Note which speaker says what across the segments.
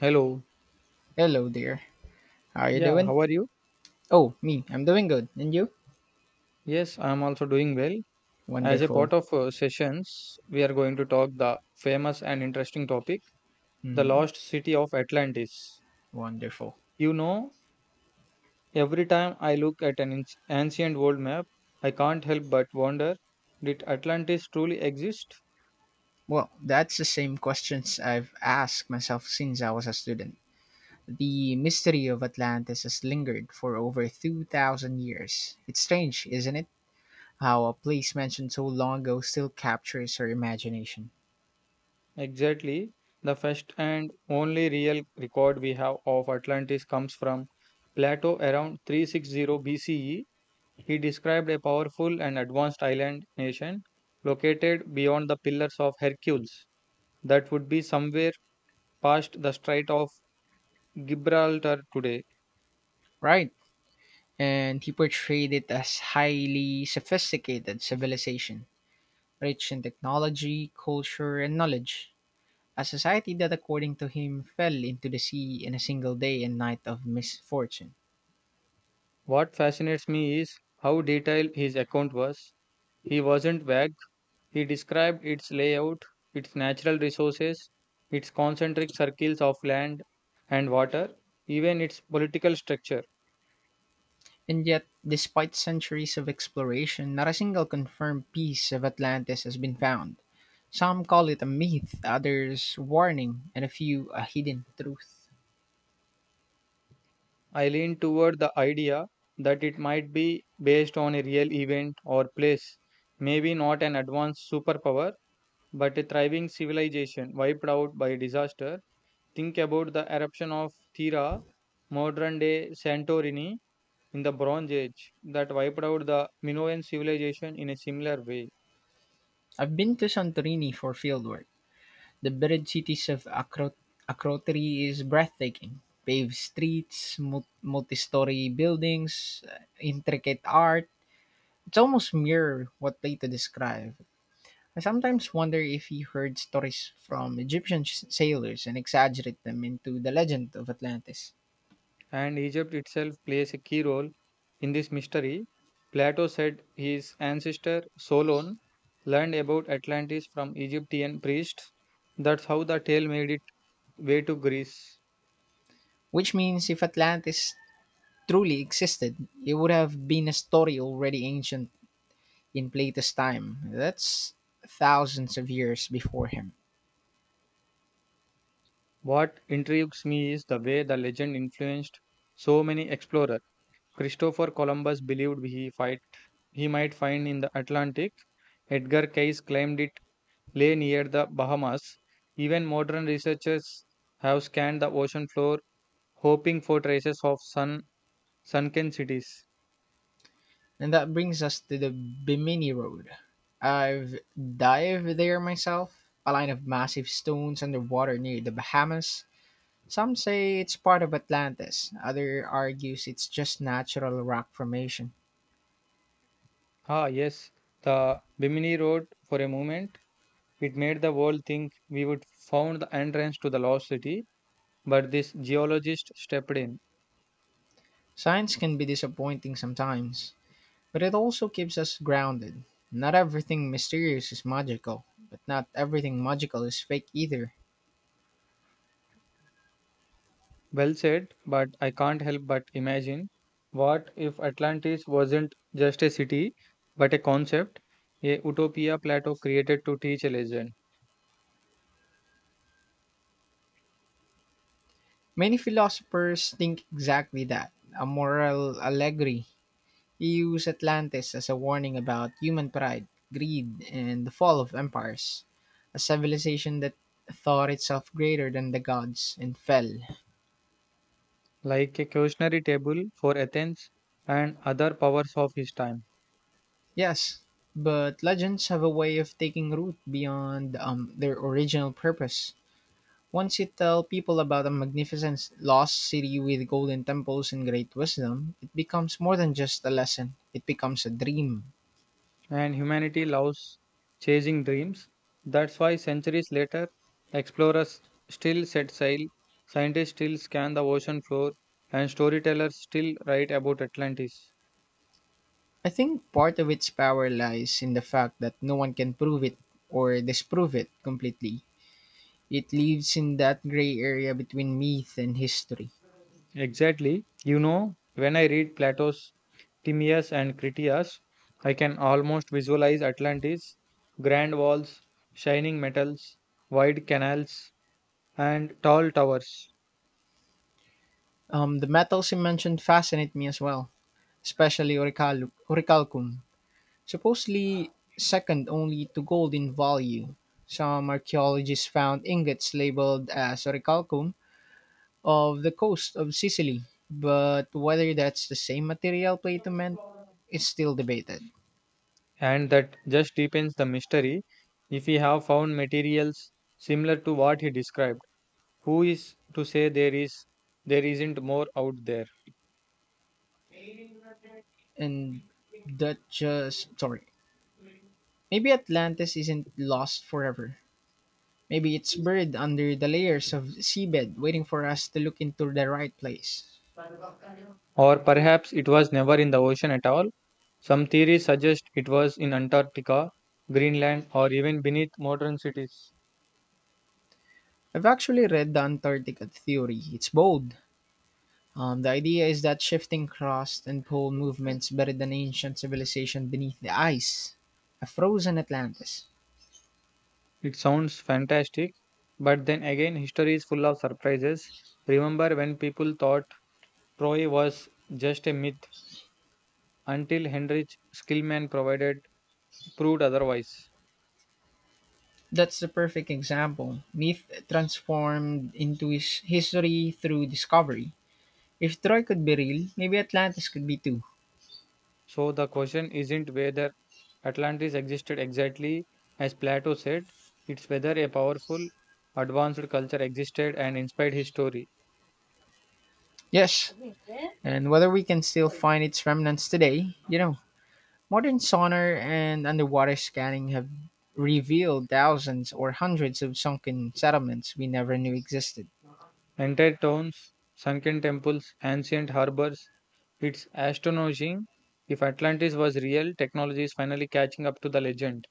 Speaker 1: Hello.
Speaker 2: Hello there. How are you
Speaker 1: Yeah,
Speaker 2: doing?
Speaker 1: how are you?
Speaker 2: Oh, me. I'm doing good. And you?
Speaker 1: Yes, I am also doing well. As a
Speaker 2: Wonderful.
Speaker 1: part of sessions, we are going to talk the famous and interesting topic, the
Speaker 2: Hmm.
Speaker 1: lost city of Atlantis.
Speaker 2: Wonderful.
Speaker 1: You know, every time I look at an ancient world map, I can't help but wonder, did Atlantis truly exist?
Speaker 2: Well, that's the same questions I've asked myself since I was a student. The mystery of Atlantis has lingered for over 2,000 years. It's strange, isn't it? How a place mentioned so long ago still captures our imagination.
Speaker 1: Exactly. The first and only real record we have of Atlantis comes from Plato around 360 BCE. He described a powerful and advanced island nation located beyond the Pillars of Hercules, that would be somewhere past the Strait of Gibraltar today.
Speaker 2: Right. And he portrayed it as highly sophisticated civilization, rich in technology, culture, and knowledge. A society that according to him fell into the sea in a single day and night of misfortune.
Speaker 1: What fascinates me is how detailed his account was. He wasn't vague, he described its layout, its natural resources, its concentric circles of land and water, even its political structure.
Speaker 2: And yet, despite centuries of exploration, not a single confirmed piece of Atlantis has been found. Some call it a myth, others warning, and a few a hidden truth.
Speaker 1: I lean toward the idea that it might be based on a real event or place, maybe not an advanced superpower, but a thriving civilization wiped out by disaster. Think about the eruption of Thera, modern day Santorini, in the Bronze Age, that wiped out the Minoan civilization in a similar way.
Speaker 2: I've been to Santorini for fieldwork. The buried cities of Akrotiri is breathtaking. Paved streets, multi-story buildings, intricate art. It's almost mirror what Plato described. I sometimes wonder if he heard stories from Egyptian sailors and exaggerate them into the legend of Atlantis.
Speaker 1: And Egypt itself plays a key role in this mystery. Plato said his ancestor Solon learned about Atlantis from Egyptian priests. That's how the tale made its way to Greece.
Speaker 2: Which means if Atlantis truly existed, it would have been a story already ancient in Plato's time. That's thousands of years before him.
Speaker 1: What intrigues me is the way the legend influenced so many explorers. Christopher Columbus believed he fight he might find in the Atlantic. Edgar Cayce claimed it lay near the Bahamas. Even modern researchers have scanned the ocean floor hoping for traces of sunken cities.
Speaker 2: And that brings us to the Bimini Road. I've dived there myself, a line of massive stones underwater near the Bahamas. Some say it's part of Atlantis, others argues it's just natural rock formation.
Speaker 1: Ah, yes, the Bimini Road for a moment. It made the world think we would found the entrance to the lost city, but this geologist stepped in.
Speaker 2: Science can be disappointing sometimes, but it also keeps us grounded. Not everything mysterious is magical, but not everything magical is fake either.
Speaker 1: Well said, but I can't help but imagine, what if Atlantis wasn't just a city, but a concept, a utopia plateau created to teach a lesson,
Speaker 2: Many philosophers think exactly that, a moral allegory. He used Atlantis as a warning about human pride, greed, and the fall of empires, a civilization that thought itself greater than the gods and fell.
Speaker 1: like a cautionary table for Athens and other powers of his time.
Speaker 2: Yes, but legends have a way of taking root beyond their original purpose. Once you tell people about a magnificent lost city with golden temples and great wisdom, it becomes more than just a lesson, it becomes a dream.
Speaker 1: And humanity loves chasing dreams. That's why centuries later, explorers still set sail, scientists still scan the ocean floor, and storytellers still write about Atlantis.
Speaker 2: I think part of its power lies in the fact that no one can prove it or disprove it completely. It lives in that gray area between myth and history.
Speaker 1: Exactly. You know, when I read Plato's Timaeus and Critias, I can almost visualize Atlantis, grand walls, shining metals, wide canals, and tall towers.
Speaker 2: The metals you mentioned fascinate me as well, especially oricalcum, supposedly second only to gold in value. Some archaeologists found ingots labeled as orichalcum of the coast of Sicily, but whether that's the same material Plato meant is still debated.
Speaker 1: And that just deepens the mystery. If we have found materials similar to what he described, who is to say there is there isn't more out there?
Speaker 2: And that just, sorry, Maybe Atlantis isn't lost forever. Maybe it's buried under the layers of seabed, waiting for us to look into the right place.
Speaker 1: Or perhaps it was never in the ocean at all. Some theories suggest it was in Antarctica, Greenland, or even beneath modern cities.
Speaker 2: I've actually read the Antarctica theory. It's bold. The idea is that shifting crust and pole movements buried an ancient civilization beneath the ice, a frozen Atlantis.
Speaker 1: It sounds fantastic, but then again, history is full of surprises. Remember when people thought Troy was just a myth until Heinrich Skillman provided proved otherwise.
Speaker 2: That's the perfect example. Myth transformed into his history through discovery. If Troy could be real, maybe Atlantis could be too.
Speaker 1: So the question isn't whether Atlantis existed exactly as Plato said, it's whether a powerful, advanced culture existed and inspired history.
Speaker 2: Yes, and whether we can still find its remnants today, modern sonar and underwater scanning have revealed thousands or hundreds of sunken settlements we never knew existed.
Speaker 1: Entire towns, sunken temples, ancient harbors. It's astonishing, if Atlantis was real, technology is finally catching up to the legend.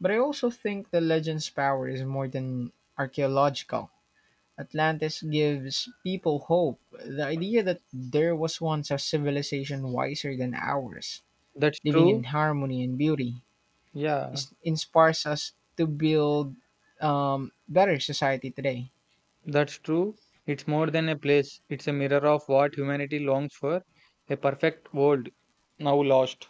Speaker 2: But I also think the legend's power is more than archaeological. Atlantis gives people hope, the idea that there was once a civilization wiser than ours,
Speaker 1: That's
Speaker 2: living in
Speaker 1: true.
Speaker 2: harmony and beauty.
Speaker 1: Yeah,
Speaker 2: Is inspires us to build better society today.
Speaker 1: that's true. It's more than a place, it's a mirror of what humanity longs for, a perfect world now lost.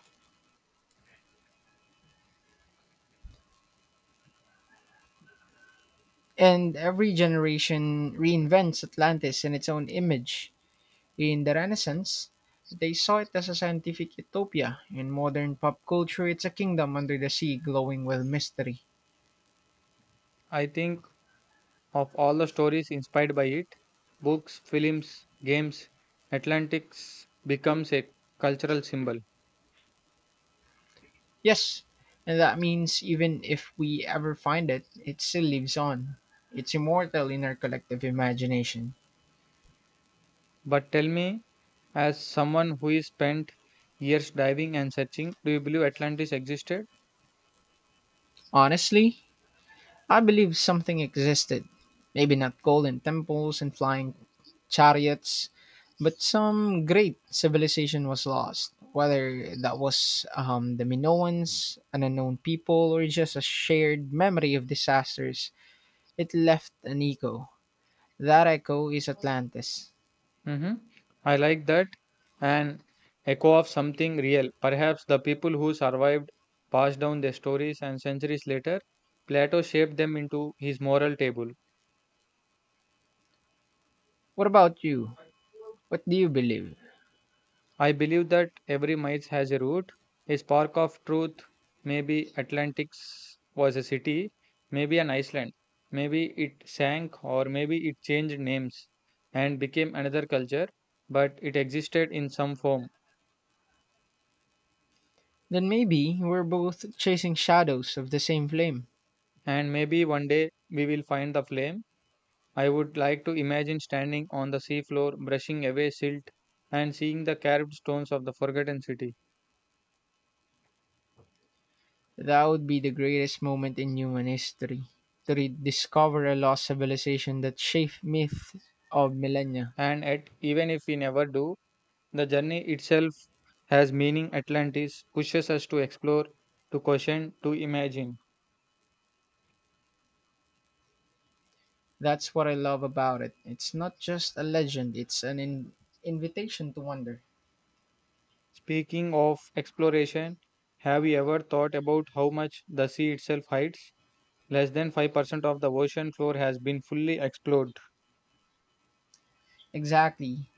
Speaker 2: And every generation reinvents Atlantis in its own image. In the Renaissance, they saw it as a scientific utopia. In modern pop culture, it's a kingdom under the sea glowing with mystery.
Speaker 1: I think of all the stories inspired by it, books, films, games, Atlantics becomes a cultural symbol.
Speaker 2: Yes, and that means even if we ever find it, it still lives on. It's immortal in our collective imagination.
Speaker 1: But tell me, as someone who is spent years diving and searching, do you believe Atlantis existed?
Speaker 2: Honestly, I believe something existed. Maybe not golden temples and flying chariots, but some great civilization was lost. Whether that was the Minoans, an unknown people, or just a shared memory of disasters, it left an echo. That echo is Atlantis.
Speaker 1: Hmm. I like that. An echo of something real. Perhaps the people who survived passed down their stories and centuries later, Plato shaped them into his moral table.
Speaker 2: What about you? What do you believe?
Speaker 1: I believe that every myth has a root. A spark of truth, maybe Atlantis was a city, maybe an island, maybe it sank, or maybe it changed names and became another culture, but it existed in some form.
Speaker 2: Then maybe we're both chasing shadows of the same flame.
Speaker 1: And maybe one day we will find the flame. I would like to imagine standing on the seafloor, brushing away silt, and seeing the carved stones of the forgotten city.
Speaker 2: That would be the greatest moment in human history to rediscover a lost civilization that shaped myth of millennia.
Speaker 1: And yet, even if we never do, the journey itself has meaning. Atlantis pushes us to explore, to question, to imagine.
Speaker 2: That's what I love about it. It's not just a legend, it's an invitation to wonder.
Speaker 1: Speaking of exploration, have you ever thought about how much the sea itself hides? Less than 5% of the ocean floor has been fully explored,
Speaker 2: Exactly.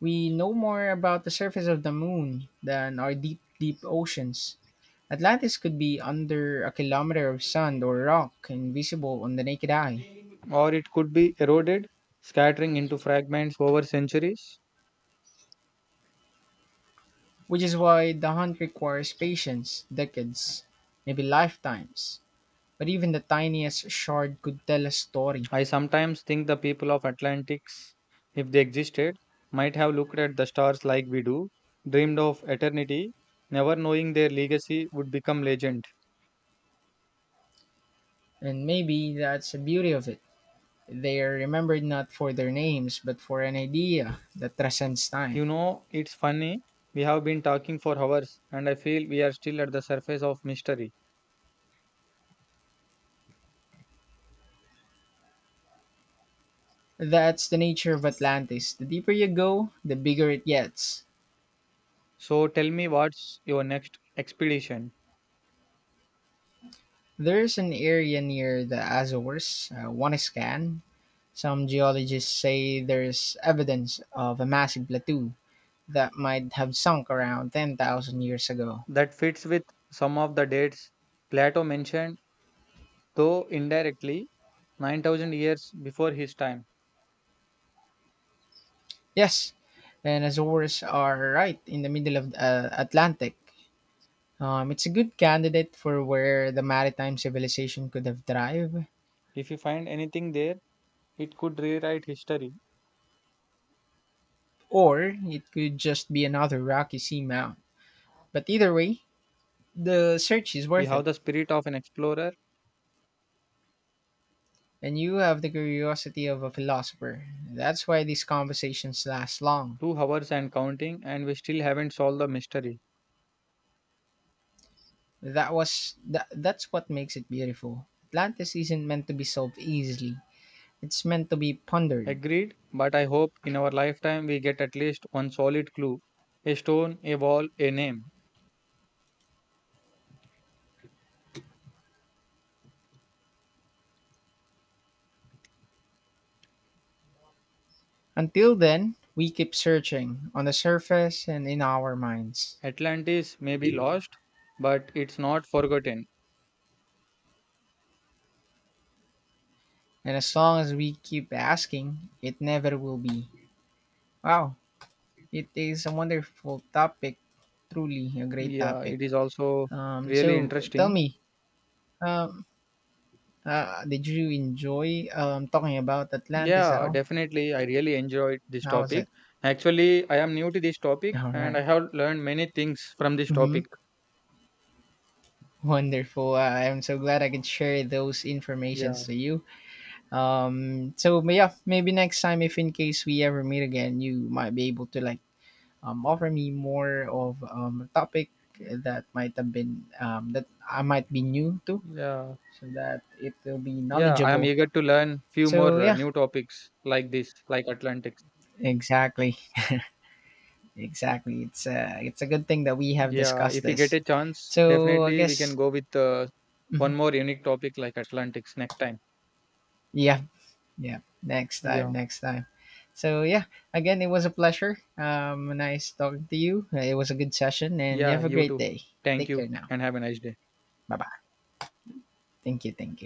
Speaker 2: We know more about the surface of the moon than our deep, deep oceans. Atlantis could be under a kilometer of sand or rock, invisible on the naked eye.
Speaker 1: or it could be eroded, scattering into fragments over centuries.
Speaker 2: Which is why the hunt requires patience, decades, maybe lifetimes. But even the tiniest shard could tell a story.
Speaker 1: I sometimes think the people of Atlantis, if they existed, might have looked at the stars like we do, dreamed of eternity, never knowing their legacy would become legend.
Speaker 2: And maybe that's the beauty of it. They are remembered not for their names, but for an idea that transcends time.
Speaker 1: You know, it's funny, we have been talking for hours and I feel we are still at the surface of mystery.
Speaker 2: That's the nature of Atlantis. The deeper you go, the bigger it gets.
Speaker 1: So tell me, what's your next expedition?
Speaker 2: There's an area near the Azores, one scan. Some geologists say there's evidence of a massive plateau that might have sunk around 10,000 years ago.
Speaker 1: That fits with some of the dates Plato mentioned, though indirectly, 9,000 years before his time.
Speaker 2: Yes, and Azores are right in the middle of the Atlantic. It's a good candidate for where the maritime civilization could have thrived,
Speaker 1: If you find anything there, it could rewrite history.
Speaker 2: or it could just be another rocky seamount. But either way, the search is
Speaker 1: We
Speaker 2: worth it,
Speaker 1: have the spirit of an explorer,
Speaker 2: and you have the curiosity of a philosopher. That's why these conversations last long.
Speaker 1: 2 hours and counting, and we still haven't solved the mystery.
Speaker 2: That's what makes it beautiful. Atlantis isn't meant to be solved easily. It's meant to be pondered.
Speaker 1: Agreed, but I hope in our lifetime we get at least one solid clue, a stone, a wall, a name.
Speaker 2: Until then, we keep searching on the surface and in our minds.
Speaker 1: Atlantis may be lost, but it's not forgotten.
Speaker 2: And as long as we keep asking, it never will be. Wow, it is a wonderful topic. Truly a great
Speaker 1: Yeah,
Speaker 2: topic.
Speaker 1: it is also really
Speaker 2: So tell
Speaker 1: interesting.
Speaker 2: me, um, did you enjoy talking about Atlantis at
Speaker 1: Yeah,
Speaker 2: all?
Speaker 1: definitely. I really enjoyed this
Speaker 2: How was
Speaker 1: topic.
Speaker 2: it?
Speaker 1: Actually, I am new to this topic
Speaker 2: All
Speaker 1: and
Speaker 2: right.
Speaker 1: I have learned many things from this
Speaker 2: Mm-hmm.
Speaker 1: topic.
Speaker 2: Wonderful. I'm so glad I could share those
Speaker 1: Yeah,
Speaker 2: informations to you. Yeah, maybe next time if in case we ever meet again, you might be able to like offer me more of a topic that might have been that I might be new to,
Speaker 1: yeah,
Speaker 2: so that it will be
Speaker 1: yeah. I am
Speaker 2: knowledgeable.
Speaker 1: eager to learn few more
Speaker 2: So yeah,
Speaker 1: new topics like this, like Atlantis.
Speaker 2: exactly, exactly. It's a good thing that we have
Speaker 1: Yeah,
Speaker 2: discussed
Speaker 1: if we get
Speaker 2: this.
Speaker 1: a chance,
Speaker 2: So I
Speaker 1: definitely we can
Speaker 2: guess.
Speaker 1: go with one
Speaker 2: Mhm.
Speaker 1: more unique topic like Atlantics next time.
Speaker 2: Yeah. Yeah, next time,
Speaker 1: Yeah,
Speaker 2: next time. So yeah, again, it was a pleasure. Nice talking to you. It was a good session, and you
Speaker 1: yeah,
Speaker 2: have a
Speaker 1: you
Speaker 2: great
Speaker 1: too.
Speaker 2: day.
Speaker 1: Thank
Speaker 2: Take care
Speaker 1: you
Speaker 2: now.
Speaker 1: and have a nice day.
Speaker 2: Bye bye. Thank you, thank you.